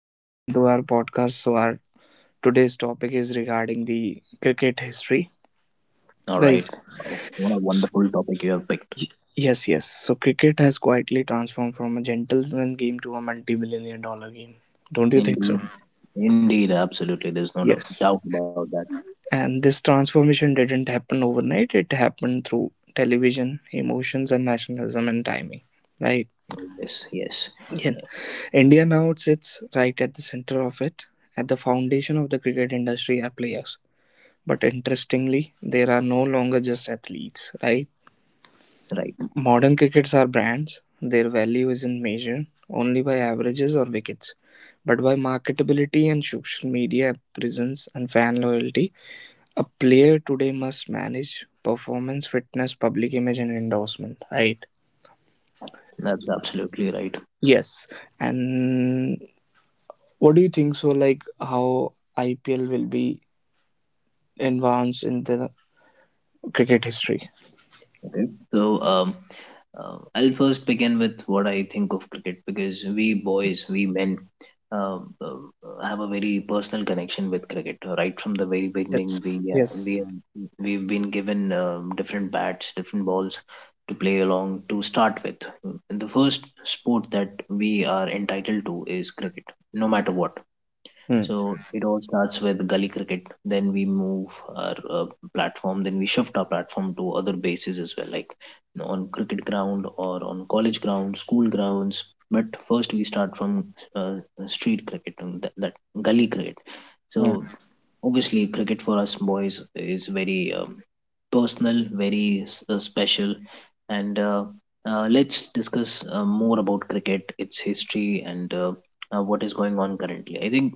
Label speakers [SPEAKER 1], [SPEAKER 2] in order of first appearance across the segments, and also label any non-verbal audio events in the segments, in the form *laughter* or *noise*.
[SPEAKER 1] Welcome to our podcast. So our today's topic is regarding the cricket history.
[SPEAKER 2] All
[SPEAKER 1] Right.
[SPEAKER 2] right. Oh, what a wonderful topic you have picked.
[SPEAKER 1] Y- yes. So cricket has quietly transformed from a gentleman game to a multi-billion dollar game. Don't you think so?
[SPEAKER 2] Indeed, indeed, absolutely. There's no
[SPEAKER 1] Yes.
[SPEAKER 2] doubt about that.
[SPEAKER 1] And this transformation didn't happen overnight. It happened through television, emotions and nationalism and timing. Right.
[SPEAKER 2] Yes, yes,
[SPEAKER 1] Yeah. India now sits right at the center of it. At the foundation of the cricket industry are players. But interestingly, there are no longer just athletes, right?
[SPEAKER 2] right.
[SPEAKER 1] Modern crickets are brands. Their value isn't measured only by averages or wickets, but by marketability and social media presence and fan loyalty. A player today must manage performance, fitness, public image, and endorsement, right?
[SPEAKER 2] That's absolutely right.
[SPEAKER 1] Yes. And what do you think so, like, how IPL will be advanced in the cricket history?
[SPEAKER 2] Okay. So, I'll first begin with what I think of cricket, because we boys, we men, have a very personal connection with cricket. Right from the very beginning,
[SPEAKER 1] Yes. Yes.
[SPEAKER 2] we've been given different bats, different balls to play along to start with. And the first sport that we are entitled to is cricket, no matter what.
[SPEAKER 1] Hmm.
[SPEAKER 2] So it all starts with gully cricket. Then we move our platform. Then we shift our platform to other bases as well, like on cricket ground or on college ground, school grounds. But first we start from uh, street cricket, and that gully cricket. So
[SPEAKER 1] Hmm.
[SPEAKER 2] obviously, cricket for us boys is very personal, very special. And let's discuss more about cricket, its history, and what is going on currently. I think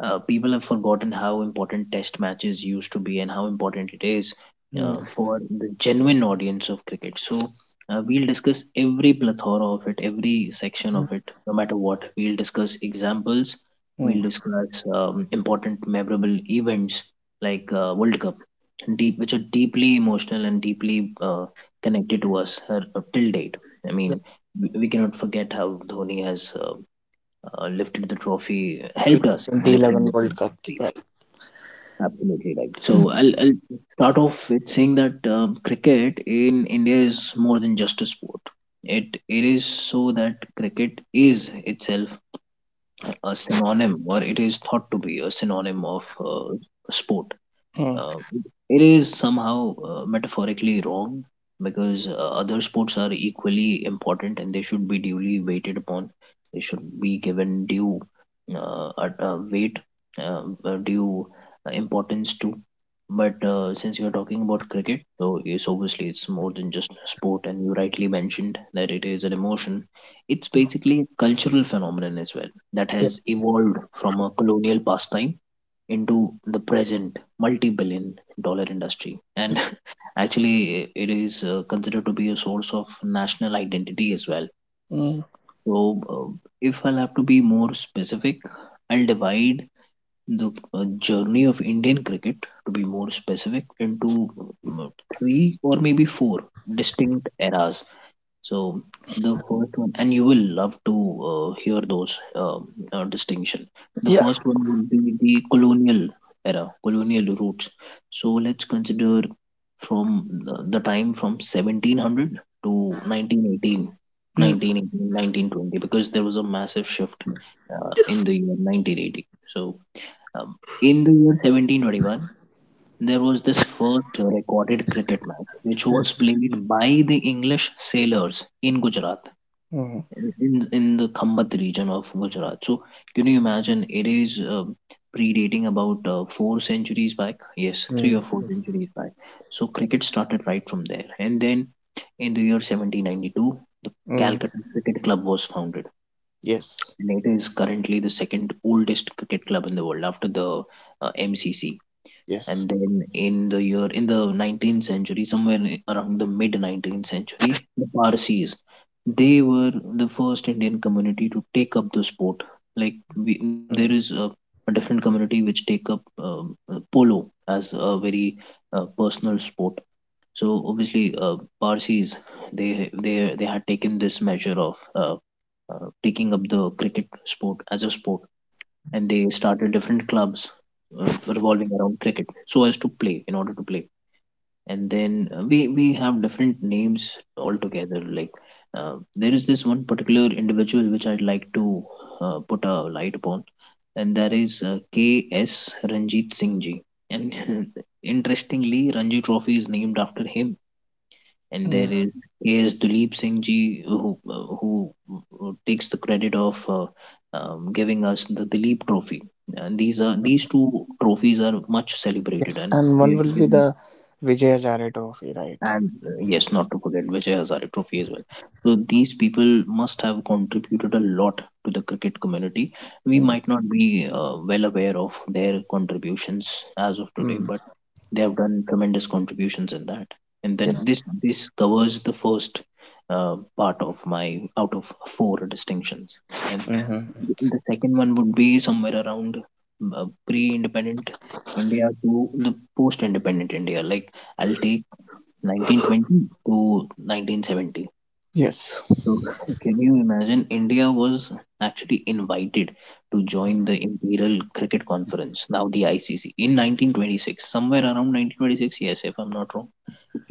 [SPEAKER 2] people have forgotten how important test matches used to be and how important it is
[SPEAKER 1] Hmm.
[SPEAKER 2] for the genuine audience of cricket. So we'll discuss every plethora of it, every section of it, no matter what. We'll discuss examples.
[SPEAKER 1] Hmm.
[SPEAKER 2] We'll discuss important, memorable events like World Cup, which are deeply emotional and deeply connected to us till date. I
[SPEAKER 1] Yes,
[SPEAKER 2] mean, we cannot forget how Dhoni has lifted the trophy,
[SPEAKER 1] see,
[SPEAKER 2] helped us in
[SPEAKER 1] 2011
[SPEAKER 2] lifting the
[SPEAKER 1] World Cup.
[SPEAKER 2] trophy.
[SPEAKER 1] Right.
[SPEAKER 2] Absolutely right. So I'll start off with saying that cricket in India is more than just a sport. It is so that cricket is itself a synonym, or it is thought to be a synonym of sport.
[SPEAKER 1] Mm.
[SPEAKER 2] Uh, it is somehow metaphorically wrong, because other sports are equally important and they should be duly weighted upon. They should be given due weight, due importance to. But since you're talking about cricket, so it's obviously, it's more than just a sport. And you rightly mentioned that it is an emotion. It's basically a cultural phenomenon as well, that
[SPEAKER 1] Yes.
[SPEAKER 2] has evolved from a colonial pastime into the present multi-billion dollar industry. And *laughs* actually it is considered to be a source of national identity as well.
[SPEAKER 1] Mm.
[SPEAKER 2] So if I'll have to be more specific, I'll divide the journey of Indian cricket, to be more specific, into um, three or maybe four distinct eras. So the first one, and you will love to hear those distinction. The
[SPEAKER 1] Yeah.
[SPEAKER 2] first one would be the colonial era, colonial roots. So let's consider from the time from 1700 to
[SPEAKER 1] Mm.
[SPEAKER 2] 1920, because there was a massive shift in
[SPEAKER 1] Yes.
[SPEAKER 2] the year 1980. So um, in the year 1721, there was this first recorded cricket match which
[SPEAKER 1] Mm.
[SPEAKER 2] was played by the English sailors in Gujarat,
[SPEAKER 1] Mm.
[SPEAKER 2] in the Khambat region of Gujarat. So, can you imagine it is predating about 4 centuries back? Yes, three
[SPEAKER 1] Mm.
[SPEAKER 2] or four centuries back. So, cricket started right from there. And then in the year 1792, the
[SPEAKER 1] Mm.
[SPEAKER 2] Calcutta Cricket Club was founded.
[SPEAKER 1] Yes.
[SPEAKER 2] And it is currently the second oldest cricket club in the world after the MCC.
[SPEAKER 1] Yes.
[SPEAKER 2] And then in the year in the 19th century, somewhere around the mid 19th century, the Parsis, they were the first Indian community to take up the sport. Like there
[SPEAKER 1] Mm.
[SPEAKER 2] is a different community which take up polo as a very personal sport. So obviously, Parsis, they had taken this measure of taking up the cricket sport as a sport, and they started different clubs revolving around cricket, so as to play in order to play. And then we have different names altogether. Like there is this one particular individual which I'd like to put a light upon, and that is K.S. ranjit singh ji. And *laughs* interestingly, Ranji Trophy is named after him. And there
[SPEAKER 1] Mm.
[SPEAKER 2] is K.S. Duleep Singh ji who takes the credit of giving us the Duleep Trophy. And these are, these two trophies are much celebrated,
[SPEAKER 1] Yes,
[SPEAKER 2] and
[SPEAKER 1] and
[SPEAKER 2] they
[SPEAKER 1] one
[SPEAKER 2] are
[SPEAKER 1] will be
[SPEAKER 2] given.
[SPEAKER 1] the Vijay Hazare Trophy, right?
[SPEAKER 2] And yes, not to forget Vijay Hazare Trophy as well. So these people must have contributed a lot to the cricket community. We
[SPEAKER 1] Mm.
[SPEAKER 2] might not be well aware of their contributions as of today,
[SPEAKER 1] Mm.
[SPEAKER 2] but they have done tremendous contributions in that. And then
[SPEAKER 1] Yes.
[SPEAKER 2] this covers the first uh, part of my, out of four distinctions. And
[SPEAKER 1] Hmm.
[SPEAKER 2] the second one would be somewhere around pre-independent India to the post-independent India. Like I'll take 1920 to 1970.
[SPEAKER 1] Yes.
[SPEAKER 2] So, *laughs* can you imagine? India was actually invited to join the Imperial Cricket Conference, now the ICC, in 1926, somewhere around 1926, yes, if I'm not wrong.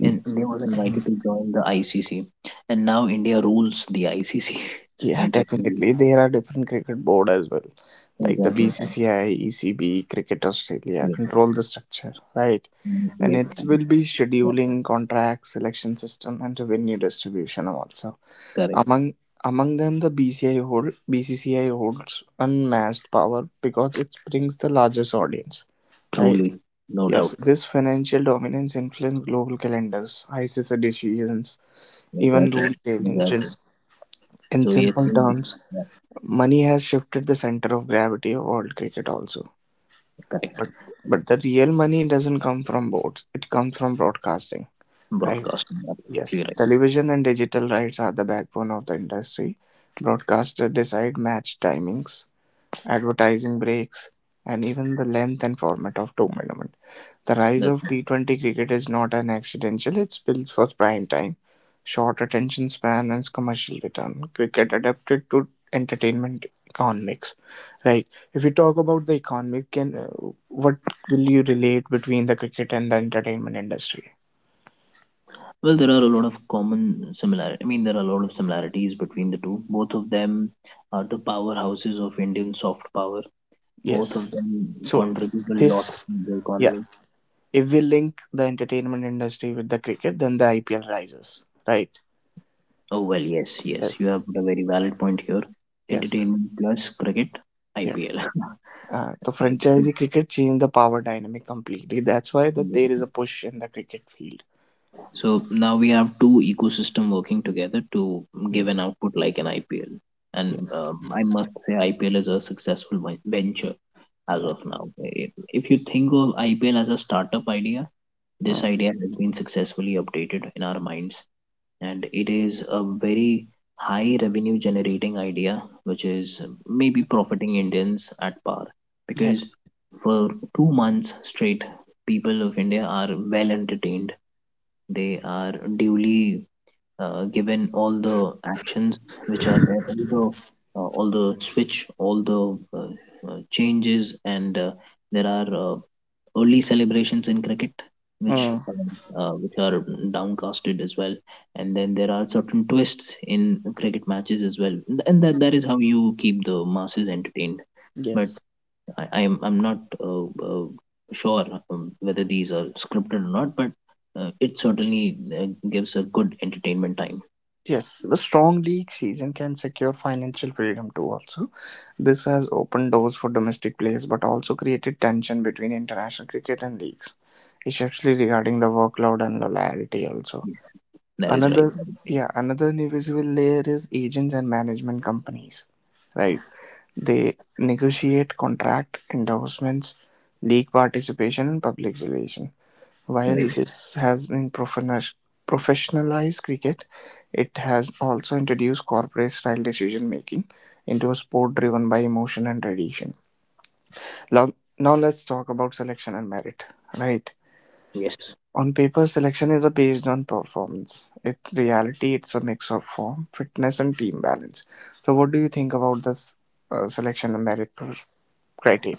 [SPEAKER 2] And India was invited to join the ICC, and now India rules the ICC. *laughs*
[SPEAKER 1] Yeah,
[SPEAKER 2] Interestingly,
[SPEAKER 1] definitely. There are different cricket board as well, like the
[SPEAKER 2] exactly. And
[SPEAKER 1] BCCI, ECB, Cricket Australia
[SPEAKER 2] yes,
[SPEAKER 1] control the structure, right? And
[SPEAKER 2] yes,
[SPEAKER 1] it
[SPEAKER 2] and
[SPEAKER 1] will be
[SPEAKER 2] yeah,
[SPEAKER 1] scheduling, contracts, selection system, and revenue distribution also.
[SPEAKER 2] correct.
[SPEAKER 1] Among among them, the BCI hold BCCI holds unmatched power because it brings the largest audience, right?
[SPEAKER 2] Truly, no
[SPEAKER 1] Yes,
[SPEAKER 2] doubt.
[SPEAKER 1] this financial dominance influenced global calendars, ICC decisions, even
[SPEAKER 2] Exactly,
[SPEAKER 1] rule
[SPEAKER 2] exactly.
[SPEAKER 1] changes. In
[SPEAKER 2] So yes,
[SPEAKER 1] simple
[SPEAKER 2] India.
[SPEAKER 1] terms,
[SPEAKER 2] Yeah,
[SPEAKER 1] money has shifted the center of gravity of world cricket also.
[SPEAKER 2] correct.
[SPEAKER 1] But but the real money doesn't come from boards; it comes from broadcasting, right?
[SPEAKER 2] Broadcasting, absolutely
[SPEAKER 1] Yes,
[SPEAKER 2] right.
[SPEAKER 1] television and digital rights are the backbone of the industry. Broadcasters decide match timings, advertising breaks, and even the length and format of tournament. The rise
[SPEAKER 2] That's.
[SPEAKER 1] of T20 cricket is not an accidental, it's built for prime time, short attention span, and commercial return. Cricket adapted to entertainment economics. Right. If you talk about the economic, can what will you relate between the cricket and the entertainment industry?
[SPEAKER 2] Well, there are a lot of common similar. I mean, there are a lot of similarities between the two. Both of them are the powerhouses of Indian soft power. Both of
[SPEAKER 1] Yes.
[SPEAKER 2] them
[SPEAKER 1] So
[SPEAKER 2] contribute a lot
[SPEAKER 1] this,
[SPEAKER 2] to the
[SPEAKER 1] yeah.
[SPEAKER 2] economy.
[SPEAKER 1] If we link the entertainment industry with the cricket, then the IPL rises. Right.
[SPEAKER 2] Oh well, yes, yes, you have
[SPEAKER 1] Yes.
[SPEAKER 2] put a very valid point here.
[SPEAKER 1] Yes,
[SPEAKER 2] Entertainment plus cricket,
[SPEAKER 1] yes.
[SPEAKER 2] IPL, *laughs* right?
[SPEAKER 1] The
[SPEAKER 2] So,
[SPEAKER 1] franchisee cricket changed the power dynamic completely. That's why that there is
[SPEAKER 2] yeah.
[SPEAKER 1] a push in the cricket field.
[SPEAKER 2] So now we have two ecosystem working together to
[SPEAKER 1] Mm.
[SPEAKER 2] give an output like an IPL. And
[SPEAKER 1] Yes.
[SPEAKER 2] I must say, IPL is a successful venture as
[SPEAKER 1] Yeah.
[SPEAKER 2] of now. If you think of IPL as a startup idea, this
[SPEAKER 1] Mm.
[SPEAKER 2] idea has been successfully updated in our minds, and it is a very high revenue generating idea, which is maybe profiting Indians at par. Because
[SPEAKER 1] Yes.
[SPEAKER 2] for 2 months straight, people of India are well entertained. They are duly given all the actions which are there, all the switch, all the changes, and there are early celebrations in cricket, which
[SPEAKER 1] Mm.
[SPEAKER 2] uh, uh, which are downcasted as well. And then there are certain twists in cricket matches as well, and that is how you keep the masses entertained. But
[SPEAKER 1] Yes.
[SPEAKER 2] I'm not sure whether these are scripted or not. But it certainly gives a good entertainment time.
[SPEAKER 1] Yes. The strong league season can secure financial freedom too. Also, this has opened doors for domestic players, but also created tension between international cricket and leagues, especially regarding the workload and the loyalty. Also,
[SPEAKER 2] That is right.
[SPEAKER 1] another yeah, another invisible layer is agents and management companies, right? They negotiate contract endorsements, league participation and public relations. While
[SPEAKER 2] Right.
[SPEAKER 1] this has been professionalized cricket, it has also introduced corporate style decision making into a sport driven by emotion and tradition. Now, now let's talk about selection and merit. Right.
[SPEAKER 2] Yes.
[SPEAKER 1] On paper, selection is a based on performance. In reality, it's a mix of form, fitness, and team balance. So, what do you think about this selection and merit per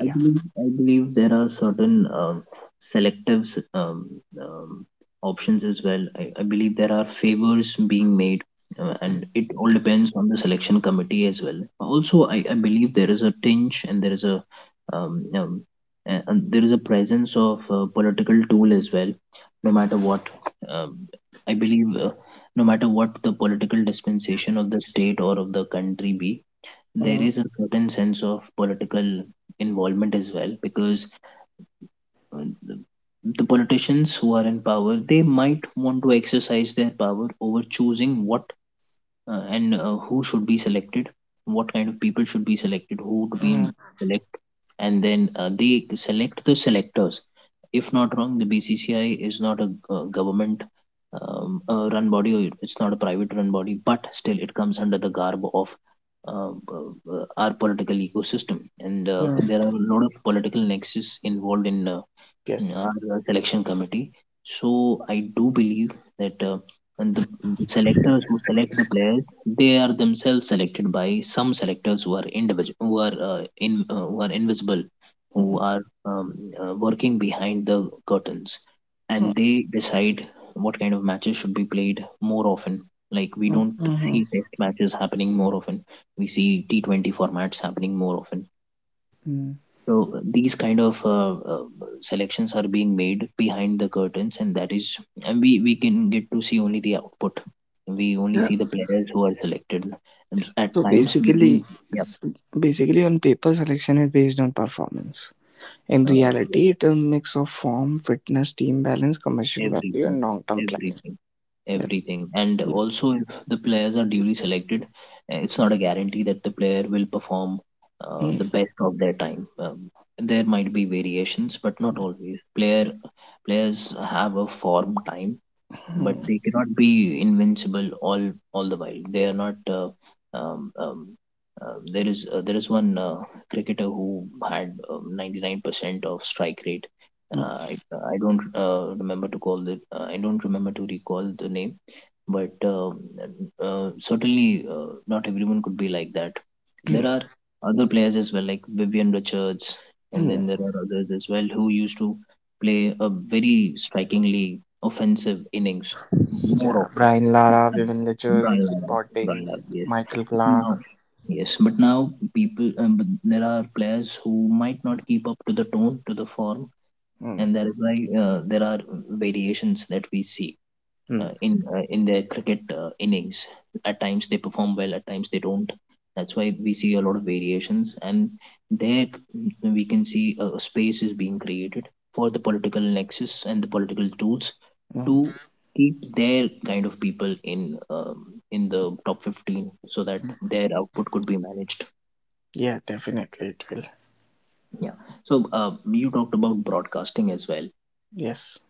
[SPEAKER 2] I believe I believe there are certain selective um, options as well. I believe there are favors being made, and it all depends on the selection committee as well. Also, I believe there is a tinge, and there is um, um, and there is a presence of a political tool as well. No matter what, um, I believe. No matter what the political dispensation of the state or of the country be, there
[SPEAKER 1] Mm,
[SPEAKER 2] is a certain sense of political involvement as well, because uh, the the politicians who are in power, they might want to exercise their power over choosing what, and who should be selected, what kind of people should be selected, who to be
[SPEAKER 1] mm,
[SPEAKER 2] select. And then they select the selectors. If not wrong, the BCCI is not a government run body, or it's not a private run body, but still it comes under the garb of uh, our political ecosystem. And
[SPEAKER 1] mm.
[SPEAKER 2] there are a lot of political nexus involved in
[SPEAKER 1] Yes.
[SPEAKER 2] our selection committee. So I do believe that and the selectors who select the players, they are themselves selected by some selectors who are individual, who are who are invisible, who
[SPEAKER 1] Mm,
[SPEAKER 2] are working behind the curtains,
[SPEAKER 1] mm,
[SPEAKER 2] and they decide what kind of matches should be played more often. Like we
[SPEAKER 1] mm,
[SPEAKER 2] don't
[SPEAKER 1] mhm,
[SPEAKER 2] see test matches happening more often. We see T20 formats happening more often.
[SPEAKER 1] mm.
[SPEAKER 2] So these kind of selections are being made behind the curtains. And that is, and we can get to see only the output. We only
[SPEAKER 1] Yeah.
[SPEAKER 2] see the players who are selected. And at
[SPEAKER 1] So
[SPEAKER 2] times we do,
[SPEAKER 1] basically,
[SPEAKER 2] yeah,
[SPEAKER 1] so basically on paper, selection is based on performance. In
[SPEAKER 2] yeah,
[SPEAKER 1] reality, it's a mix of form, fitness, team balance, commercial value,
[SPEAKER 2] everything,
[SPEAKER 1] and long-term planning.
[SPEAKER 2] everything,
[SPEAKER 1] Yes.
[SPEAKER 2] everything. And
[SPEAKER 1] Yeah.
[SPEAKER 2] also, if the players are duly selected, it's not a guarantee that the player will perform the
[SPEAKER 1] Mm,
[SPEAKER 2] best of their time. There might be variations, but not always. Players have a form time, but
[SPEAKER 1] mm,
[SPEAKER 2] they cannot be invincible all the while. They are not. Um, um, there is one cricketer who had 99% of strike rate.
[SPEAKER 1] mm,
[SPEAKER 2] Uh, I, I don't remember to recall the name. But certainly not everyone could be like that. There
[SPEAKER 1] mm,
[SPEAKER 2] are other players as well, like Vivian Richards, and then
[SPEAKER 1] mm.
[SPEAKER 2] there are others as well who used to play a very strikingly offensive innings more
[SPEAKER 1] Yeah.
[SPEAKER 2] often.
[SPEAKER 1] Brian Lara, Vivian Litcher,
[SPEAKER 2] Brian
[SPEAKER 1] Ricky
[SPEAKER 2] Lara, Brian
[SPEAKER 1] Potting,
[SPEAKER 2] Lara, yes.
[SPEAKER 1] Michael Clark.
[SPEAKER 2] Now, yes, but now people, but there are players who might not keep up to the tone, to the form,
[SPEAKER 1] Mm,
[SPEAKER 2] and that is why there are variations that we see
[SPEAKER 1] mm,
[SPEAKER 2] in their cricket innings. At times they perform well, at times they don't. That's why we see a lot of variations, and there we can see a space is being created for the political nexus and the political tools to
[SPEAKER 1] mm.
[SPEAKER 2] keep their kind of people in the top 15 so that their output could be managed.
[SPEAKER 1] Yeah, definitely it will.
[SPEAKER 2] Yeah. So you talked about broadcasting as well.
[SPEAKER 1] Yes.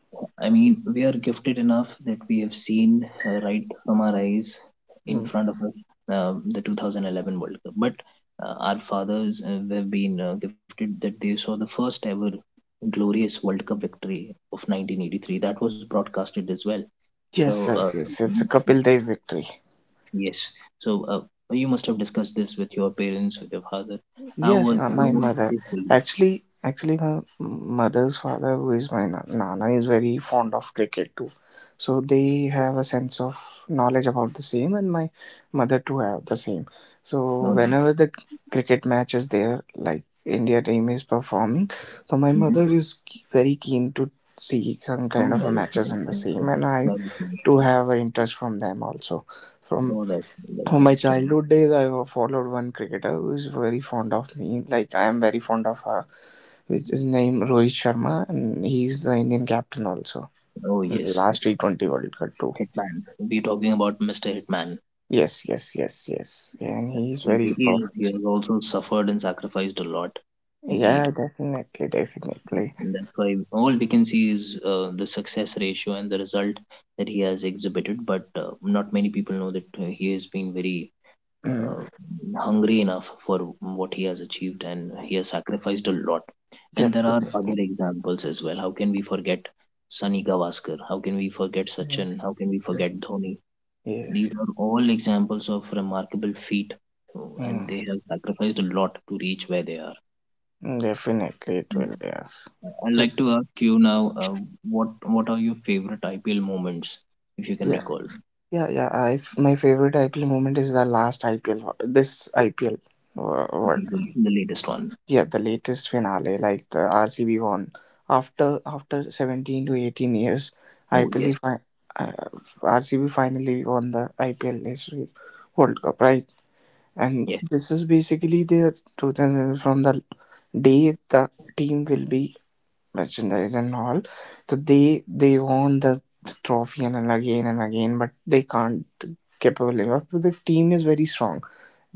[SPEAKER 2] I mean, we are gifted enough that we have seen right from our eyes in
[SPEAKER 1] Mm.
[SPEAKER 2] front of us the 2011 World Cup. But our fathers have been gifted that they saw the first ever glorious World Cup victory of 1983. That was broadcasted as well. So,
[SPEAKER 1] Yes, yes, yes. It's a Kapil Dev victory.
[SPEAKER 2] yes. So, you must have discussed this with your parents, with your father.
[SPEAKER 1] Yes,
[SPEAKER 2] How
[SPEAKER 1] my
[SPEAKER 2] was
[SPEAKER 1] mother.
[SPEAKER 2] his feeling?
[SPEAKER 1] Actually, my mother's father, who is my nana, is very fond of cricket too. So they have a sense of knowledge about the same, and my mother too have the same. So
[SPEAKER 2] Oh, nice.
[SPEAKER 1] whenever the cricket match is there, like India team is performing, so my
[SPEAKER 2] Mm-hmm.
[SPEAKER 1] mother is very keen to see some kind
[SPEAKER 2] Oh,
[SPEAKER 1] of a
[SPEAKER 2] that is
[SPEAKER 1] matches
[SPEAKER 2] nice.
[SPEAKER 1] in the
[SPEAKER 2] To-
[SPEAKER 1] same, and
[SPEAKER 2] That is
[SPEAKER 1] I
[SPEAKER 2] nice.
[SPEAKER 1] too have an interest from them also.
[SPEAKER 2] Oh,
[SPEAKER 1] From.
[SPEAKER 2] that, that's
[SPEAKER 1] Oh, my
[SPEAKER 2] nice to me.
[SPEAKER 1] childhood days, I followed one cricketer who is very fond of me. Like I am very fond of her, which is name Rohit Sharma, and he's the Indian captain also
[SPEAKER 2] Oh
[SPEAKER 1] in the
[SPEAKER 2] yes,
[SPEAKER 1] last T 20 World Cup too.
[SPEAKER 2] Hitman. We're talking about Mr. Hitman.
[SPEAKER 1] Yes, yes, yes, yes, and he's
[SPEAKER 2] He
[SPEAKER 1] very
[SPEAKER 2] he has, he
[SPEAKER 1] perfect.
[SPEAKER 2] has also suffered and sacrificed a lot, indeed,
[SPEAKER 1] Yeah, definitely,
[SPEAKER 2] and that's why all we can see is the success ratio and the result that he has exhibited. But not many people know that he has been very
[SPEAKER 1] mm,
[SPEAKER 2] uh, hungry enough for what he has achieved, and he has sacrificed a lot. And there are
[SPEAKER 1] definitely.
[SPEAKER 2] other examples as well. How can we forget Sunny Gavaskar? How can we forget
[SPEAKER 1] Mm.
[SPEAKER 2] Sachin? How can we
[SPEAKER 1] Yes,
[SPEAKER 2] forget Dhoni?
[SPEAKER 1] yes,
[SPEAKER 2] These are all examples of remarkable feat, so- and
[SPEAKER 1] mm,
[SPEAKER 2] they have sacrificed a lot to reach where they are.
[SPEAKER 1] definitely. It
[SPEAKER 2] And
[SPEAKER 1] will. Yes.
[SPEAKER 2] I'd
[SPEAKER 1] It
[SPEAKER 2] like to ask you now, what are your favorite IPL moments, if you can
[SPEAKER 1] Yeah,
[SPEAKER 2] recall.
[SPEAKER 1] yeah, yeah. I, f My favorite IPL moment is the last IPL, this IPL.
[SPEAKER 2] Okay, the latest one?
[SPEAKER 1] Yeah, the latest finale, like the RCB won after 17 to 18 years, I
[SPEAKER 2] Oh yes,
[SPEAKER 1] believe I, uh, RCB finally won the IPL history World Cup, right? And
[SPEAKER 2] yes,
[SPEAKER 1] this is basically their 2000 from the day the team will be merchandise and all, so they won the trophy and again but they can't capable enough but the team is very strong,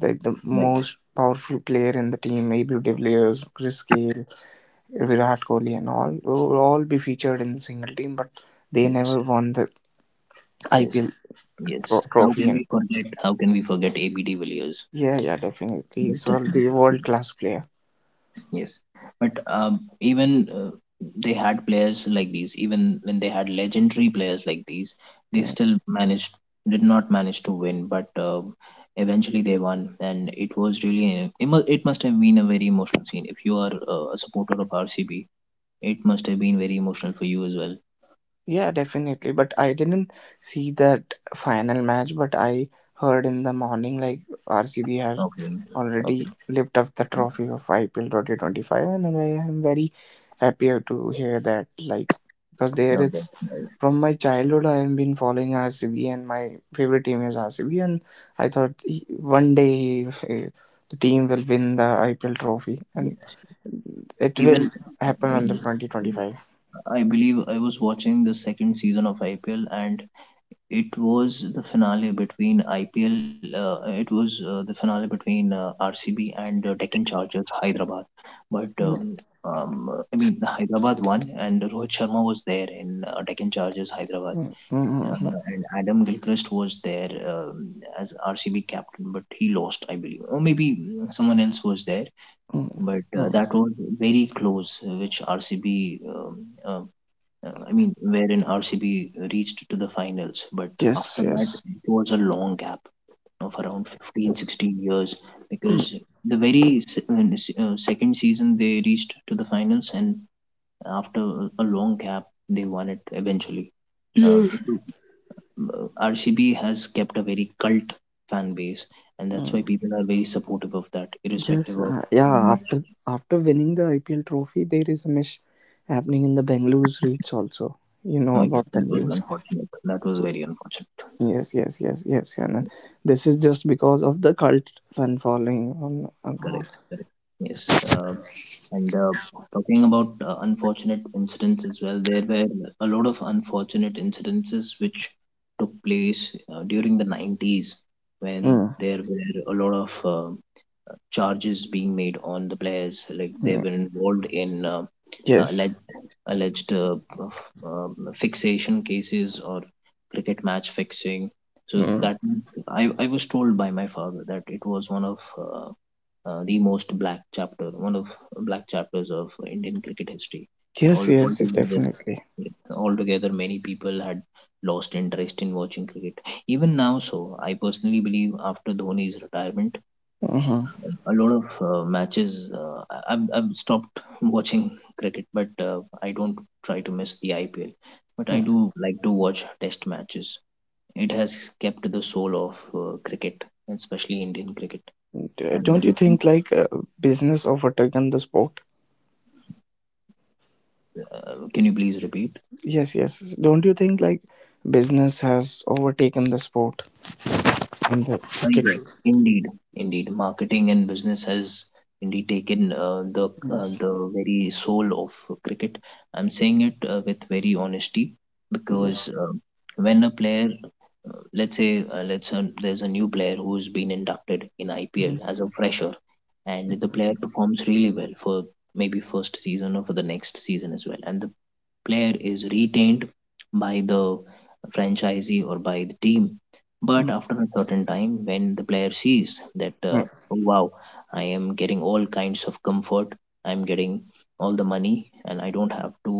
[SPEAKER 1] the
[SPEAKER 2] right,
[SPEAKER 1] most powerful player in the team Abel de Villiers, Chris Gayle, Virat Kohli and all will all be featured in the single team but they
[SPEAKER 2] yes,
[SPEAKER 1] never won the
[SPEAKER 2] yes,
[SPEAKER 1] IPL
[SPEAKER 2] yes. How
[SPEAKER 1] trophy
[SPEAKER 2] can
[SPEAKER 1] and
[SPEAKER 2] we forget? How can we forget ABD Villiers,
[SPEAKER 1] yeah yeah definitely he's
[SPEAKER 2] Mr.
[SPEAKER 1] well the world
[SPEAKER 2] 360?
[SPEAKER 1] class player.
[SPEAKER 2] Yes, but even they had players like these. Even when they had legendary players like these, they
[SPEAKER 1] Hmm.
[SPEAKER 2] still managed, did not manage to win. But eventually they won, and it was really it must have been a very emotional scene. If you are a supporter of RCB, it must have been very emotional for you as well.
[SPEAKER 1] Yeah, definitely. But I didn't see that final match, but I heard in the morning like RCB has
[SPEAKER 2] Okay, okay,
[SPEAKER 1] already lifted the
[SPEAKER 2] okay,
[SPEAKER 1] trophy of IPL 2025, and I am very happy to hear that. Like, because there
[SPEAKER 2] okay.
[SPEAKER 1] it's from my childhood, I have been following RCB, and my favorite team is RCB, and I thought one day eh, the team will win the IPL trophy, and
[SPEAKER 2] Yes.
[SPEAKER 1] it will
[SPEAKER 2] Even
[SPEAKER 1] happen
[SPEAKER 2] uh,
[SPEAKER 1] on the 2025.
[SPEAKER 2] I believe I was watching the second season of IPL and it was the finale between IPL. It was the finale between RCB and Deccan Chargers, Hyderabad. But
[SPEAKER 1] Mm,
[SPEAKER 2] I mean, the Hyderabad won, and Rohit Sharma was there in Deccan Chargers, Hyderabad,
[SPEAKER 1] mm, mm, mm, mm,
[SPEAKER 2] and Adam Gilchrist was there as RCB captain, but he lost, I believe, or maybe someone else was there.
[SPEAKER 1] mm.
[SPEAKER 2] But
[SPEAKER 1] Mm, mm.
[SPEAKER 2] that was very close, uh, which RCB um, uh, uh, I mean, wherein RCB reached to the finals, but after
[SPEAKER 1] Yes,
[SPEAKER 2] that,
[SPEAKER 1] yes.
[SPEAKER 2] it was a long gap of around 15, 16 years
[SPEAKER 1] Mm.
[SPEAKER 2] because the second season they reached to the finals, and after a long gap, they won it eventually. Um,
[SPEAKER 1] Yes.
[SPEAKER 2] so, RCB has kept a very cult fan base, and that's why
[SPEAKER 1] Mm.
[SPEAKER 2] people are very supportive of that, irrespective
[SPEAKER 1] Yes.
[SPEAKER 2] of
[SPEAKER 1] Yeah.
[SPEAKER 2] how much.
[SPEAKER 1] After after winning the IPL trophy, there is a mish happening in the Bengaluru streets also. You know
[SPEAKER 2] Oh, yes,
[SPEAKER 1] about the
[SPEAKER 2] that was
[SPEAKER 1] news.
[SPEAKER 2] unfortunate. That was very unfortunate.
[SPEAKER 1] Yes, yes, yes, yes, yeah. And this is just because of the cult fan following on and
[SPEAKER 2] Correct,
[SPEAKER 1] off.
[SPEAKER 2] correct. Yes. Um and Talking about unfortunate incidents as well, there were a lot of unfortunate incidences which took place during the 90s when
[SPEAKER 1] Mm.
[SPEAKER 2] there were a lot of charges being made on the players. Like they
[SPEAKER 1] Mm.
[SPEAKER 2] were involved in
[SPEAKER 1] Yes.
[SPEAKER 2] alleged, alleged fixation cases or cricket match fixing. So
[SPEAKER 1] Mm.
[SPEAKER 2] that I was told by my father that it was one of the most black chapter, one of black chapters of Indian cricket history.
[SPEAKER 1] Yes,
[SPEAKER 2] All
[SPEAKER 1] yes,
[SPEAKER 2] altogether,
[SPEAKER 1] definitely.
[SPEAKER 2] altogether, many people had lost interest in watching cricket. Even now, so I personally believe after Dhoni's retirement,
[SPEAKER 1] Mm-hmm,
[SPEAKER 2] a lot of matches. I've stopped *laughs* watching cricket, but I don't try to miss the IPL. But
[SPEAKER 1] mm.
[SPEAKER 2] I
[SPEAKER 1] Uh
[SPEAKER 2] do like to watch Test matches. It has kept the soul of cricket, especially Indian cricket,
[SPEAKER 1] hmm
[SPEAKER 2] and
[SPEAKER 1] Don't you think like business overtaken the sport?
[SPEAKER 2] Can you please repeat?
[SPEAKER 1] Yes, yes. Don't you think like business has overtaken the sport? And the ticket.
[SPEAKER 2] Yes, indeed. Indeed, marketing and business has indeed taken
[SPEAKER 1] Yes,
[SPEAKER 2] the very soul of cricket. I'm saying it with very honesty
[SPEAKER 1] yes,
[SPEAKER 2] because when a player, let's say, let's there's a new player who's been inducted in IPL
[SPEAKER 1] mhm.
[SPEAKER 2] as a fresher, and the player performs really well for maybe first season or for the next season as well, and the player is retained by the franchisee or by the team. But
[SPEAKER 1] Mm,
[SPEAKER 2] after a certain time, when the player sees that,
[SPEAKER 1] mm.
[SPEAKER 2] "Oh, wow, I am getting all kinds of comfort, I'm getting all the money, and I don't have to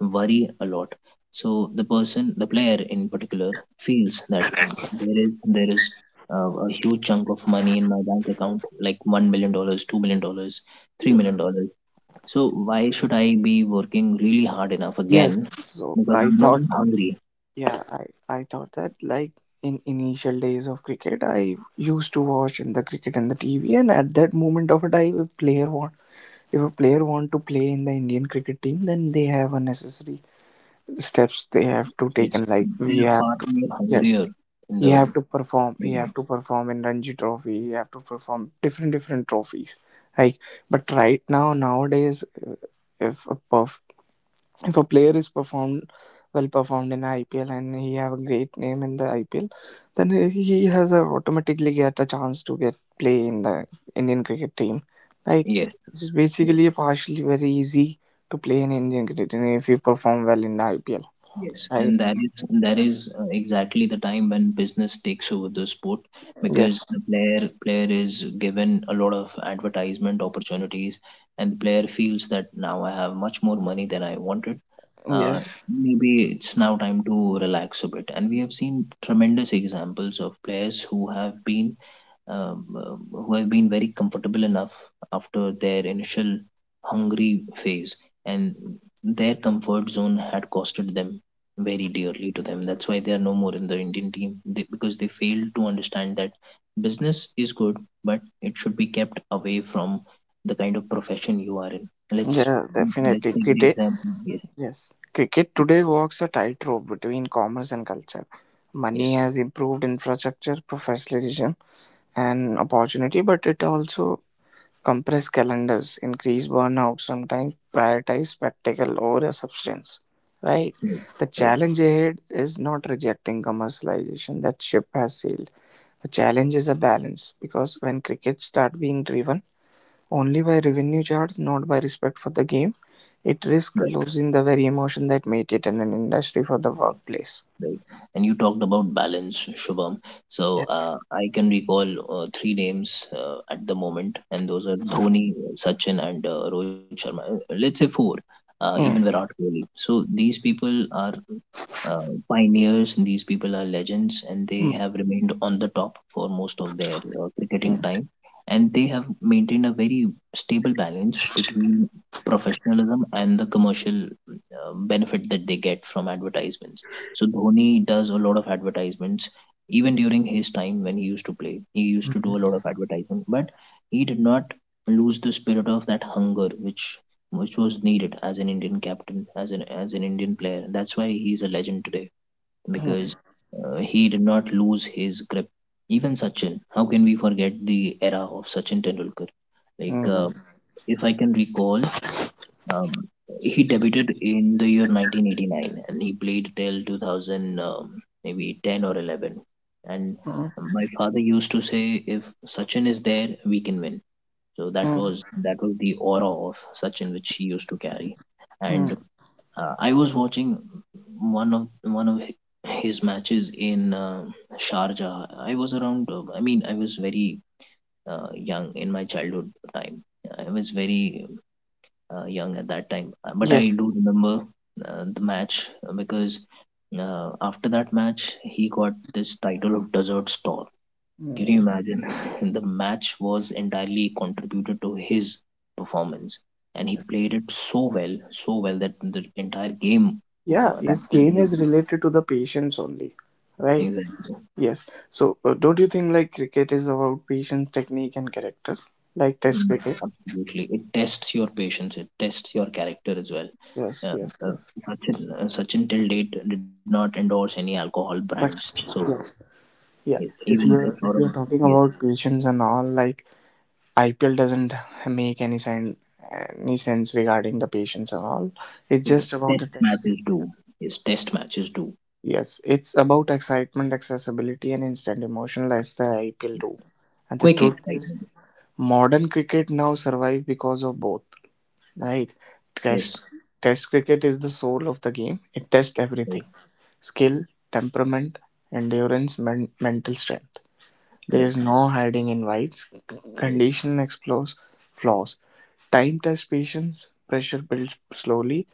[SPEAKER 2] worry a lot. So the person, the player in particular, feels that there is there is a huge chunk of money in my bank account, like $1 million, $2 million, $3 million. Dollars. So why should I be working really hard enough again?
[SPEAKER 1] Yes. So
[SPEAKER 2] Because
[SPEAKER 1] I
[SPEAKER 2] I'm no
[SPEAKER 1] thought,
[SPEAKER 2] more hungry."
[SPEAKER 1] yeah, I thought that like in initial days of cricket, I used to watch in the cricket and the TV, and at that moment of it, I if a player want if a player want to play in the Indian cricket team, then they have unnecessary steps they have to take,
[SPEAKER 2] Yes,
[SPEAKER 1] and like
[SPEAKER 2] they
[SPEAKER 1] we
[SPEAKER 2] are
[SPEAKER 1] have
[SPEAKER 2] far more
[SPEAKER 1] yes
[SPEAKER 2] hungrier in
[SPEAKER 1] he
[SPEAKER 2] the
[SPEAKER 1] have to perform he
[SPEAKER 2] beginning.
[SPEAKER 1] have to perform in Ranji Trophy, he have to perform different different trophies, like but right now nowadays if a perf- if a player is performed well performed in IPL and he have a great name in the IPL, then he has a automatically get a chance to get play in the Indian cricket team, right?
[SPEAKER 2] Yes.
[SPEAKER 1] It's
[SPEAKER 2] Yes.
[SPEAKER 1] basically partially very easy to play in Indian cricket team if you perform well in the IPL,
[SPEAKER 2] Yes,
[SPEAKER 1] right?
[SPEAKER 2] and that is exactly the time when business takes over the sport because
[SPEAKER 1] Yes,
[SPEAKER 2] the player is given a lot of advertisement opportunities, and the player feels that now I have much more money than I wanted. Uh,
[SPEAKER 1] yes,
[SPEAKER 2] Maybe it's now time to relax a bit, and we have seen tremendous examples of players who have been very comfortable enough after their initial hungry phase, and their comfort zone had costed them very dearly to them. That's why they are no more in the Indian team, because they failed to understand that business is good, but it should be kept away from the kind of profession you are in. Let's
[SPEAKER 1] yeah,
[SPEAKER 2] let's
[SPEAKER 1] definitely.
[SPEAKER 2] take the
[SPEAKER 1] Cricket.
[SPEAKER 2] example. Yes,
[SPEAKER 1] Yes. Cricket today walks a tightrope between commerce and culture. Money has improved infrastructure, professionalism, and opportunity, but it also compress calendars, increase burnout, sometimes prioritize spectacle over a substance. Right?
[SPEAKER 2] yes,
[SPEAKER 1] The
[SPEAKER 2] right,
[SPEAKER 1] challenge ahead is not rejecting commercialization, that ship has sailed. The challenge is a balance because when cricket start being driven only by revenue charts, not by respect for the game, it risked
[SPEAKER 2] right,
[SPEAKER 1] losing the very emotion that made it an industry for the workplace.
[SPEAKER 2] right. And you talked about balance, Shubham. So
[SPEAKER 1] Yes.
[SPEAKER 2] I can recall three names at the moment, and those are Dhoni, Sachin, and Rohit Sharma. Let's say four, even
[SPEAKER 1] Mm,
[SPEAKER 2] Virat Kohli. So these people are uh, pioneers, and these people are legends, and they
[SPEAKER 1] mm,
[SPEAKER 2] have remained on the top for most of their
[SPEAKER 1] mm,
[SPEAKER 2] cricketing time. And they have maintained a very stable balance between professionalism and the commercial benefit that they get from advertisements. So Dhoni does a lot of advertisements. Even during his time when he used to play, he used to do a
[SPEAKER 1] mm,
[SPEAKER 2] lot of advertisement, but he did not lose the spirit of that hunger which was needed as an Indian captain, as an Indian player. That's why he's a legend today because
[SPEAKER 1] mm,
[SPEAKER 2] he did not lose his grip. Even Sachin, how can we forget the era of Sachin Tendulkar?
[SPEAKER 1] mm,
[SPEAKER 2] Like
[SPEAKER 1] mm,
[SPEAKER 2] if I can recall, um, he debuted in the year 1989 and he played till 2000, maybe 10 or 11. And my father used to say, if Sachin is there, we can win. So that
[SPEAKER 1] mm,
[SPEAKER 2] was that was the aura of Sachin which he used to carry. And
[SPEAKER 1] mm.
[SPEAKER 2] I was watching one of his matches in Sharjah. I was around. I mean, I was very young in my childhood time. I was very young at that time. But I
[SPEAKER 1] Yes.
[SPEAKER 2] do remember the match because after that match, he got this title of Desert Storm. Can you
[SPEAKER 1] Mm,
[SPEAKER 2] imagine? *laughs* The match was entirely contributed to his performance, and he
[SPEAKER 1] yes.
[SPEAKER 2] played it so well, so well that the entire game
[SPEAKER 1] Yeah,
[SPEAKER 2] that
[SPEAKER 1] his
[SPEAKER 2] could have
[SPEAKER 1] game is
[SPEAKER 2] been-
[SPEAKER 1] related to the patience only, right?
[SPEAKER 2] exactly.
[SPEAKER 1] Yes. So, don't you think like cricket is about patience, technique, and character, like Test
[SPEAKER 2] Mm,
[SPEAKER 1] cricket?
[SPEAKER 2] absolutely. It tests your patience, it tests your character as well.
[SPEAKER 1] Yes,
[SPEAKER 2] Uh,
[SPEAKER 1] yes,
[SPEAKER 2] uh,
[SPEAKER 1] yes.
[SPEAKER 2] Sachin, Sachin till date did not endorse any alcohol brands,
[SPEAKER 1] But
[SPEAKER 2] so
[SPEAKER 1] yes,
[SPEAKER 2] yes,
[SPEAKER 1] yeah. If
[SPEAKER 2] even it's
[SPEAKER 1] you're
[SPEAKER 2] not a
[SPEAKER 1] if you're talking
[SPEAKER 2] yes.
[SPEAKER 1] about patience and all, like IPL doesn't make any sense regarding the patients at all. It's just about
[SPEAKER 2] Test
[SPEAKER 1] the test.
[SPEAKER 2] matches do. Yes, test matches do.
[SPEAKER 1] Yes, it's about excitement, accessibility, and instant emotional, as the IPL do. And the
[SPEAKER 2] Quick
[SPEAKER 1] truth is,
[SPEAKER 2] excitement.
[SPEAKER 1] modern cricket now survive because of both. Right?
[SPEAKER 2] Yes,
[SPEAKER 1] Test Test cricket is the soul of the game. It tests
[SPEAKER 2] right,
[SPEAKER 1] everything: skill, temperament, endurance, mental strength. There
[SPEAKER 2] correct,
[SPEAKER 1] is no hiding in White's
[SPEAKER 2] correct,
[SPEAKER 1] condition explores flaws. Time tests patience, pressure builds slowly.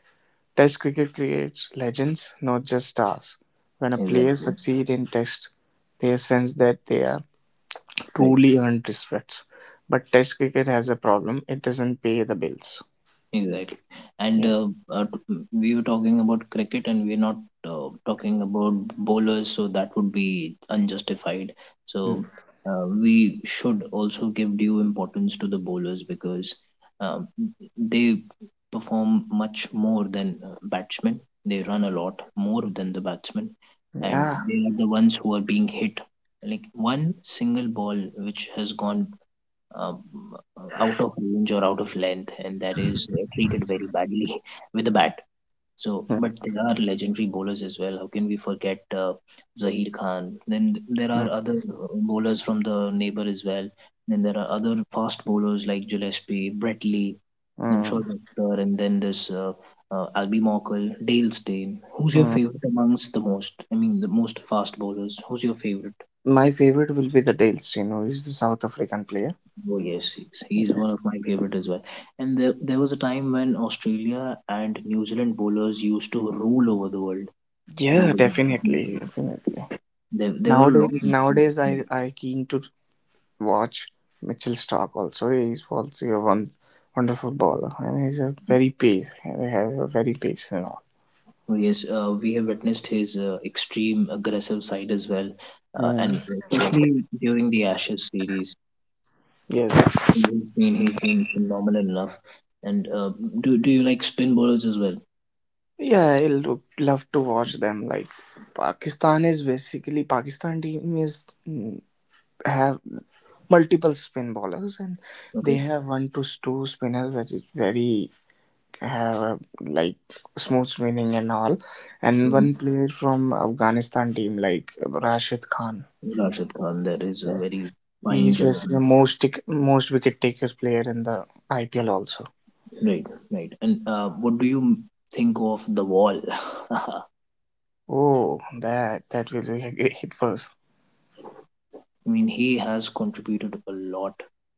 [SPEAKER 1] Test cricket creates legends, not just stars. When a player
[SPEAKER 2] exactly,
[SPEAKER 1] succeeds in tests, they sense that they are
[SPEAKER 2] right.
[SPEAKER 1] truly earned respect. But test cricket has a problem, it doesn't pay the bills.
[SPEAKER 2] Exactly. And
[SPEAKER 1] Yeah.
[SPEAKER 2] we were talking about cricket and we're not talking about bowlers, so that would be unjustified.
[SPEAKER 1] Mm.
[SPEAKER 2] So we should also give due importance to the bowlers because um, they perform much more than batsmen. They run a lot more than the batsmen, and
[SPEAKER 1] Yeah.
[SPEAKER 2] they are the ones who are being hit. Like one single ball which has gone um, out of range or out of length, and that is treated very badly *laughs* with the bat. So, but
[SPEAKER 1] Mm,
[SPEAKER 2] there are legendary bowlers as well. How can we forget Zaheer Khan? Then there are
[SPEAKER 1] mm,
[SPEAKER 2] other bowlers from the neighbor as well. Then there are other fast bowlers like Gillespie, Brett Lee, then
[SPEAKER 1] mm,
[SPEAKER 2] Shoaib Akhtar, and then this Albie Morkel, Dale Steyn. Who's your
[SPEAKER 1] mm.
[SPEAKER 2] favorite amongst the most? I mean, the most fast bowlers. Who's your favorite?
[SPEAKER 1] My favorite will be the Dale Steyn, who is the South African player.
[SPEAKER 2] Oh yes, yes, he's
[SPEAKER 1] Yeah,
[SPEAKER 2] one of my favorite as well. And there was a time when Australia and New Zealand bowlers used to rule over the world
[SPEAKER 1] yeah
[SPEAKER 2] globally.
[SPEAKER 1] definitely. Definitely.
[SPEAKER 2] They were long.
[SPEAKER 1] Nowadays,
[SPEAKER 2] Oh,
[SPEAKER 1] nowadays I keen to watch Mitchell Stark. Also, he's also a one wonderful bowler, and he's a very pace. They have a very pace and all.
[SPEAKER 2] yes, we have witnessed his extreme aggressive side as well,
[SPEAKER 1] Mm.
[SPEAKER 2] and especially during the Ashes series.
[SPEAKER 1] Yes,
[SPEAKER 2] I mean, he's been phenomenal enough. And do you like spin bowlers as well?
[SPEAKER 1] yeah, love to watch them. Like Pakistan team is mm, have multiple spin bowlers, and they
[SPEAKER 2] Okay.
[SPEAKER 1] have one to two spinners, which is very have a, like smooth spinning and all, and one
[SPEAKER 2] mm
[SPEAKER 1] player from Afghanistan team like Rashid Khan.
[SPEAKER 2] Rashid Khan, that is a
[SPEAKER 1] Yes,
[SPEAKER 2] very fine
[SPEAKER 1] he's basically the
[SPEAKER 2] gentleman.
[SPEAKER 1] most most wicket taker player in the IPL also.
[SPEAKER 2] Right, right. And what do you think of the wall? *laughs* I
[SPEAKER 1] Oh, that will be a great first.
[SPEAKER 2] mean, he has contributed a lot.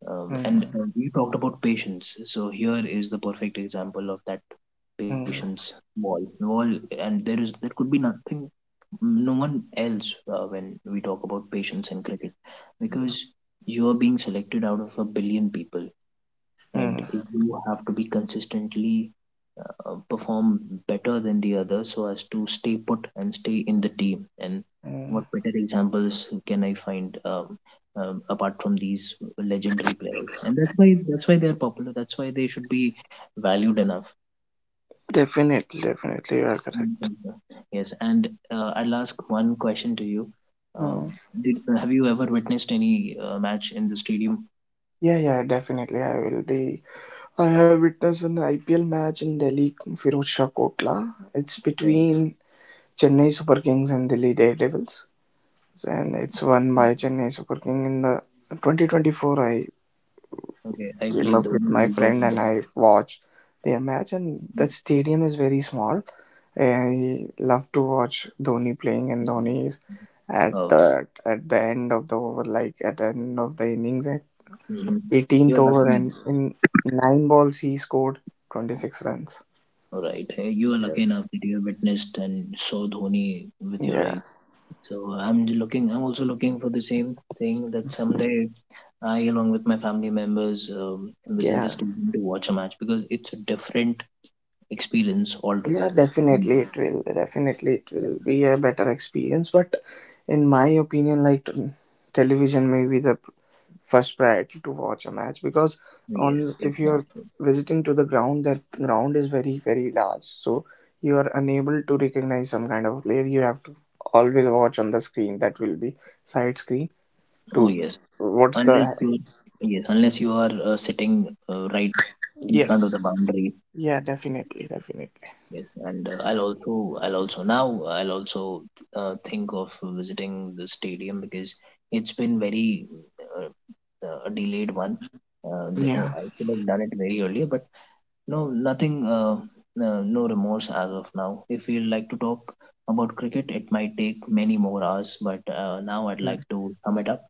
[SPEAKER 2] Um, and
[SPEAKER 1] Mm,
[SPEAKER 2] uh, you talked about patience. So here is the perfect example of that
[SPEAKER 1] mm,
[SPEAKER 2] patience wall. Wall, and there could be nothing, no one else when we talk about patience in cricket, because you are being selected out of a billion people, and
[SPEAKER 1] mm,
[SPEAKER 2] you have to be consistently perform better than the other so as to stay put and stay in the team, and
[SPEAKER 1] mm.
[SPEAKER 2] what better examples can I find apart from these legendary players? And that's why they're popular, that's why they should be valued enough.
[SPEAKER 1] Definitely, definitely, you are correct.
[SPEAKER 2] Mhm. Yes, and I'll ask one question to you
[SPEAKER 1] Mm.
[SPEAKER 2] um, have you ever witnessed any match in the stadium?
[SPEAKER 1] Yeah, yeah, definitely. I will be. I have witnessed an IPL match in Delhi, Firoz Shah Kotla. It's
[SPEAKER 2] Okay.
[SPEAKER 1] between Chennai Super Kings and Delhi Daredevils, and it's won by Chennai Super King. In the 2024, I
[SPEAKER 2] Okay, I
[SPEAKER 1] came
[SPEAKER 2] believe
[SPEAKER 1] up
[SPEAKER 2] the
[SPEAKER 1] with
[SPEAKER 2] one
[SPEAKER 1] my
[SPEAKER 2] was
[SPEAKER 1] friend
[SPEAKER 2] also
[SPEAKER 1] and
[SPEAKER 2] there.
[SPEAKER 1] I watched their match, and the stadium is very small. I love to watch Dhoni playing, and Dhoni is at
[SPEAKER 2] Oh,
[SPEAKER 1] the at the end of the over, like at the end of the innings, at
[SPEAKER 2] mhm.
[SPEAKER 1] 18th
[SPEAKER 2] You're
[SPEAKER 1] over,
[SPEAKER 2] lucky.
[SPEAKER 1] and in 9 balls he scored 26 runs.
[SPEAKER 2] Right. You are lucky
[SPEAKER 1] Yes.
[SPEAKER 2] enough that you have witnessed and saw Dhoni with your eyes.
[SPEAKER 1] Yeah.
[SPEAKER 2] So looking. I'm also looking for the same thing, that someday I, along with my family members, visit the
[SPEAKER 1] Yeah.
[SPEAKER 2] stadium to watch a match because it's a different experience
[SPEAKER 1] Yeah,
[SPEAKER 2] altogether. And
[SPEAKER 1] definitely it will. Definitely it
[SPEAKER 2] yeah,
[SPEAKER 1] will be a better experience. But in my opinion, television may be the first priority to watch a match because
[SPEAKER 2] yes,
[SPEAKER 1] on
[SPEAKER 2] it's
[SPEAKER 1] if you
[SPEAKER 2] not.
[SPEAKER 1] are visiting to the ground, that ground is very very large. So you are unable to recognize some kind of player. You have to always watch on the screen. That will be side screen.
[SPEAKER 2] Oh
[SPEAKER 1] To what's the
[SPEAKER 2] unless you yes, unless you are sitting right in front of the
[SPEAKER 1] yes?
[SPEAKER 2] boundary.
[SPEAKER 1] Yeah, definitely, definitely.
[SPEAKER 2] Yes, and I'll also now I'll also think of visiting the stadium because it's been very uh, a delayed one.
[SPEAKER 1] Yeah.
[SPEAKER 2] I could have done it very earlier, but no, nothing, no remorse as of now. If you like to talk about cricket, it might take many more hours, but now I'd
[SPEAKER 1] Mm.
[SPEAKER 2] like to sum it up.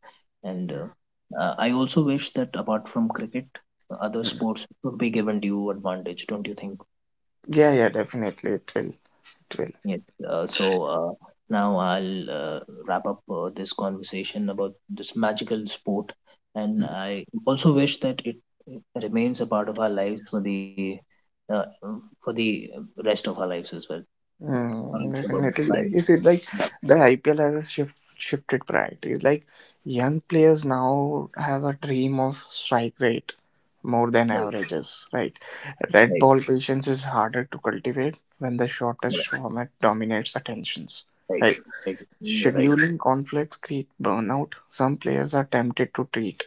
[SPEAKER 2] And I also wish that apart from cricket, other
[SPEAKER 1] Mm.
[SPEAKER 2] sports would be given due advantage, don't you think?
[SPEAKER 1] Yeah, yeah. Definitely it will. It will.
[SPEAKER 2] Yeah. So now I'll wrap up this conversation about this magical sport, and I also wish that it remains a part of our lives uh, for the rest of our lives as well.
[SPEAKER 1] Mm,
[SPEAKER 2] Shubham,
[SPEAKER 1] definitely, like
[SPEAKER 2] fine.
[SPEAKER 1] is it like
[SPEAKER 2] Yeah,
[SPEAKER 1] the IPL has a shifted priorities? Like young players now have a dream of strike rate more than
[SPEAKER 2] right,
[SPEAKER 1] averages, right? Red
[SPEAKER 2] right,
[SPEAKER 1] ball patience is harder to cultivate when the
[SPEAKER 2] right,
[SPEAKER 1] shortest format dominates attentions,
[SPEAKER 2] right,
[SPEAKER 1] right?
[SPEAKER 2] right. You're right,
[SPEAKER 1] Scheduling conflicts create burnout. Some players are tempted to treat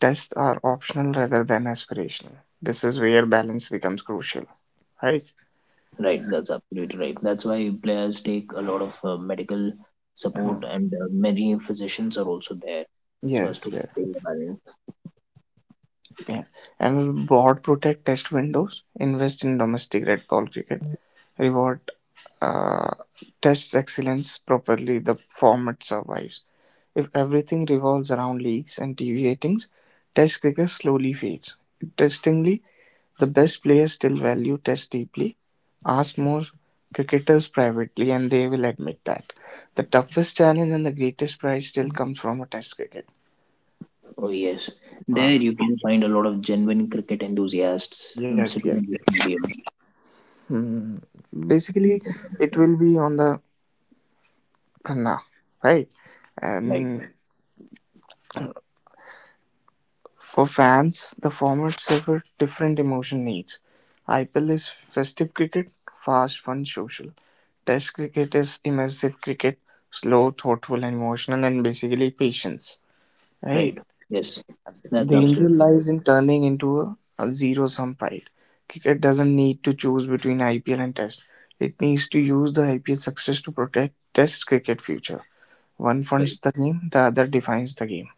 [SPEAKER 1] tests are optional rather than aspirational. This is where balance becomes crucial, right?
[SPEAKER 2] right. That's absolutely right. That's why players take a lot of medical support,
[SPEAKER 1] Mhm.
[SPEAKER 2] and many physicians are also there so as
[SPEAKER 1] Yes,
[SPEAKER 2] to
[SPEAKER 1] yes.
[SPEAKER 2] maintain the balance.
[SPEAKER 1] Yes. And broad protect test windows, invest in domestic red ball cricket, reward uh, tests excellence properly, the format survives. If everything revolves around leagues and TV ratings, test cricket slowly fades. Interestingly, the best players still value test deeply. Ask more cricketers privately, and they will admit that. The toughest challenge and the greatest prize still comes from a test cricket.
[SPEAKER 2] Oh, yes. There
[SPEAKER 1] Ah,
[SPEAKER 2] you can find a lot of genuine cricket enthusiasts
[SPEAKER 1] yes, yes,
[SPEAKER 2] sitting in the
[SPEAKER 1] yes.
[SPEAKER 2] stadium.
[SPEAKER 1] Hmm. Basically, it will be on the Kanna, right?
[SPEAKER 2] Right,
[SPEAKER 1] And for fans, the format suffer different emotion needs. IPL is festive cricket, fast, fun, social. Test cricket is immersive cricket, slow, thoughtful, and emotional, and basically patience, right?
[SPEAKER 2] right. Yes, that's
[SPEAKER 1] Danger
[SPEAKER 2] absolutely right.
[SPEAKER 1] lies in turning into a zero sum fight. Cricket doesn't need to choose between IPL and Test. It needs to use the IPL success to protect Test cricket future. One
[SPEAKER 2] Right,
[SPEAKER 1] funds the game, the other defines the game.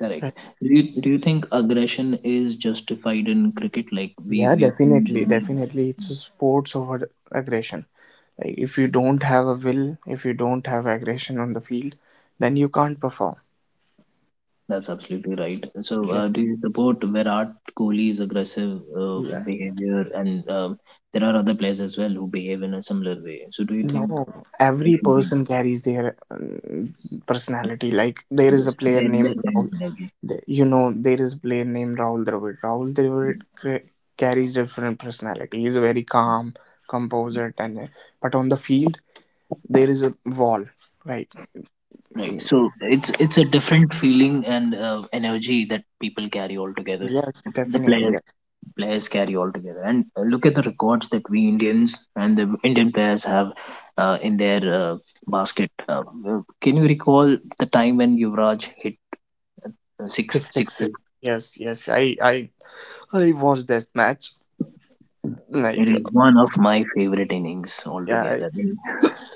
[SPEAKER 2] correct.
[SPEAKER 1] Like,
[SPEAKER 2] Do you think aggression is justified in cricket? Like we,
[SPEAKER 1] yeah,
[SPEAKER 2] we've seen.
[SPEAKER 1] definitely,
[SPEAKER 2] England-
[SPEAKER 1] definitely, it's a sports over aggression. Like, if you don't have a will, if you don't have aggression on the field, then you can't perform.
[SPEAKER 2] That's absolutely right. So,
[SPEAKER 1] Yes.
[SPEAKER 2] do you support Virat Kohli's aggressive
[SPEAKER 1] Yeah.
[SPEAKER 2] behavior? And there are other players as well who behave in a similar way. So, do you
[SPEAKER 1] No,
[SPEAKER 2] think there
[SPEAKER 1] every
[SPEAKER 2] should be,
[SPEAKER 1] person carries their personality. Like there is
[SPEAKER 2] yes,
[SPEAKER 1] a player
[SPEAKER 2] their
[SPEAKER 1] named
[SPEAKER 2] kind of
[SPEAKER 1] Rahul.
[SPEAKER 2] energy?
[SPEAKER 1] The- You know, there is a player named Rahul Dravid. Carries different personality. He's very calm, composed, and but on the field there is a wall, right?
[SPEAKER 2] Right. So it's a different feeling and energy that people carry altogether.
[SPEAKER 1] Yes,
[SPEAKER 2] The
[SPEAKER 1] definitely,
[SPEAKER 2] players
[SPEAKER 1] yeah.
[SPEAKER 2] players carry altogether, and look at the records that we Indians and the Indian players have in their basket. Can you recall the time when Yuvraj hit six
[SPEAKER 1] 6 sixes,
[SPEAKER 2] sixes?
[SPEAKER 1] yes, yes, i I watched that match,
[SPEAKER 2] It
[SPEAKER 1] like
[SPEAKER 2] is one of my favorite innings
[SPEAKER 1] yeah, I
[SPEAKER 2] altogether.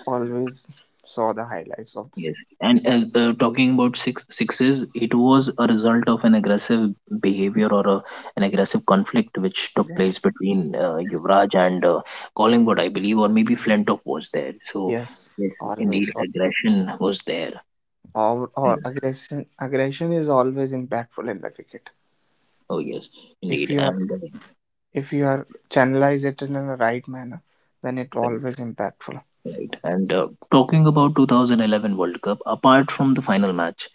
[SPEAKER 1] always saw the highlights of the
[SPEAKER 2] Yes,
[SPEAKER 1] same.
[SPEAKER 2] and talking about six sixes, it was a result of an aggressive behavior, or an aggressive conflict which took
[SPEAKER 1] Yeah,
[SPEAKER 2] place between Yuvraj and Collingwood, I believe, or maybe Flintoff was there. So
[SPEAKER 1] yes,
[SPEAKER 2] yes, indeed,
[SPEAKER 1] always or,
[SPEAKER 2] aggression was there.
[SPEAKER 1] or
[SPEAKER 2] Mm.
[SPEAKER 1] aggression is always impactful in the cricket.
[SPEAKER 2] Oh yes,
[SPEAKER 1] If
[SPEAKER 2] indeed,
[SPEAKER 1] you are,
[SPEAKER 2] and
[SPEAKER 1] if you are channelize it in a right manner, then it
[SPEAKER 2] right,
[SPEAKER 1] always impactful.
[SPEAKER 2] right. And talking about 2011 World Cup, apart from the final match,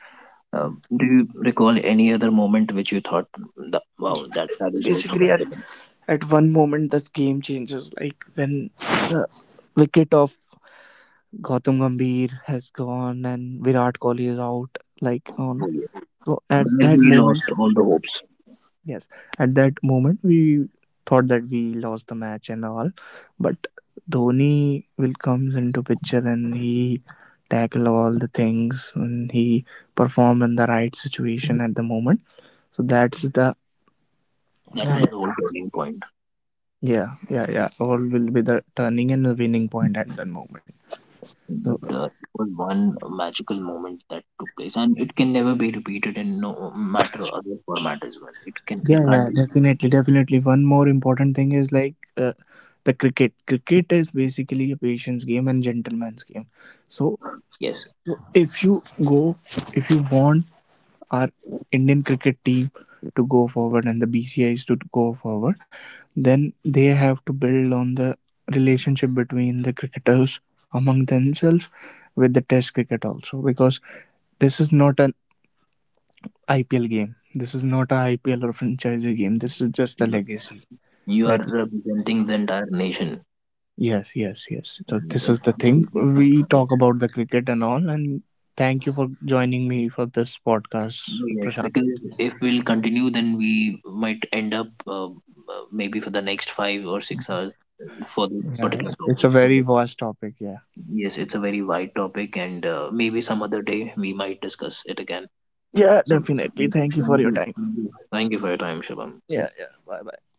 [SPEAKER 2] uh, do you recall any other moment which you thought, that, wow, that is also
[SPEAKER 1] Basically
[SPEAKER 2] memorable?
[SPEAKER 1] at one moment the game changes, like when the wicket of Gautam Gambhir has gone and Virat Kohli is out, like on.
[SPEAKER 2] Oh yes.
[SPEAKER 1] So at
[SPEAKER 2] Where
[SPEAKER 1] that
[SPEAKER 2] we
[SPEAKER 1] moment,
[SPEAKER 2] lost all the hopes.
[SPEAKER 1] yes, at that moment we thought that we lost the match and all, but Dhoni will comes into picture and he tackle all the things and he perform in the right situation at the moment, so that's the
[SPEAKER 2] That was
[SPEAKER 1] right.
[SPEAKER 2] the whole turning point.
[SPEAKER 1] Yeah, yeah, yeah, all will be the turning and the winning point at that moment. So
[SPEAKER 2] But it was one magical moment that took place, and it can never be repeated in no matter other format as well. It
[SPEAKER 1] yeah,
[SPEAKER 2] can't
[SPEAKER 1] yeah,
[SPEAKER 2] be repeated.
[SPEAKER 1] definitely, definitely, one more important thing is like, the cricket is basically a patience game and gentleman's game. So
[SPEAKER 2] Yes,
[SPEAKER 1] if you go, if you want our indian cricket team to go forward and the bcis to go forward, then they have to build on the relationship between the cricketers among themselves with the test cricket also, because this is not an ipl game, this is not a ipl or franchise game, this is just a
[SPEAKER 2] you,
[SPEAKER 1] legacy
[SPEAKER 2] you are
[SPEAKER 1] that.
[SPEAKER 2] representing the entire nation.
[SPEAKER 1] Yes, yes, yes. So
[SPEAKER 2] And
[SPEAKER 1] this is
[SPEAKER 2] It,
[SPEAKER 1] the
[SPEAKER 2] it
[SPEAKER 1] thing
[SPEAKER 2] should be big.
[SPEAKER 1] we talk
[SPEAKER 2] Yes,
[SPEAKER 1] about the cricket and all, and thank you for joining me for this podcast,
[SPEAKER 2] yes,
[SPEAKER 1] Prashant.
[SPEAKER 2] because if we'll continue, then we might end up maybe for the next 5 or 6 hours for this
[SPEAKER 1] Yeah,
[SPEAKER 2] particular
[SPEAKER 1] yeah. It's
[SPEAKER 2] topic.
[SPEAKER 1] a
[SPEAKER 2] So
[SPEAKER 1] very vast topic. Yeah.
[SPEAKER 2] yes, it's a very wide topic, and maybe some other day we might discuss it again.
[SPEAKER 1] Yeah,
[SPEAKER 2] So,
[SPEAKER 1] definitely.
[SPEAKER 2] thank,
[SPEAKER 1] Thank you
[SPEAKER 2] thank
[SPEAKER 1] for your
[SPEAKER 2] you,
[SPEAKER 1] time.
[SPEAKER 2] thank you, thank you for your time, Shubham.
[SPEAKER 1] Yeah, yeah. Bye, bye.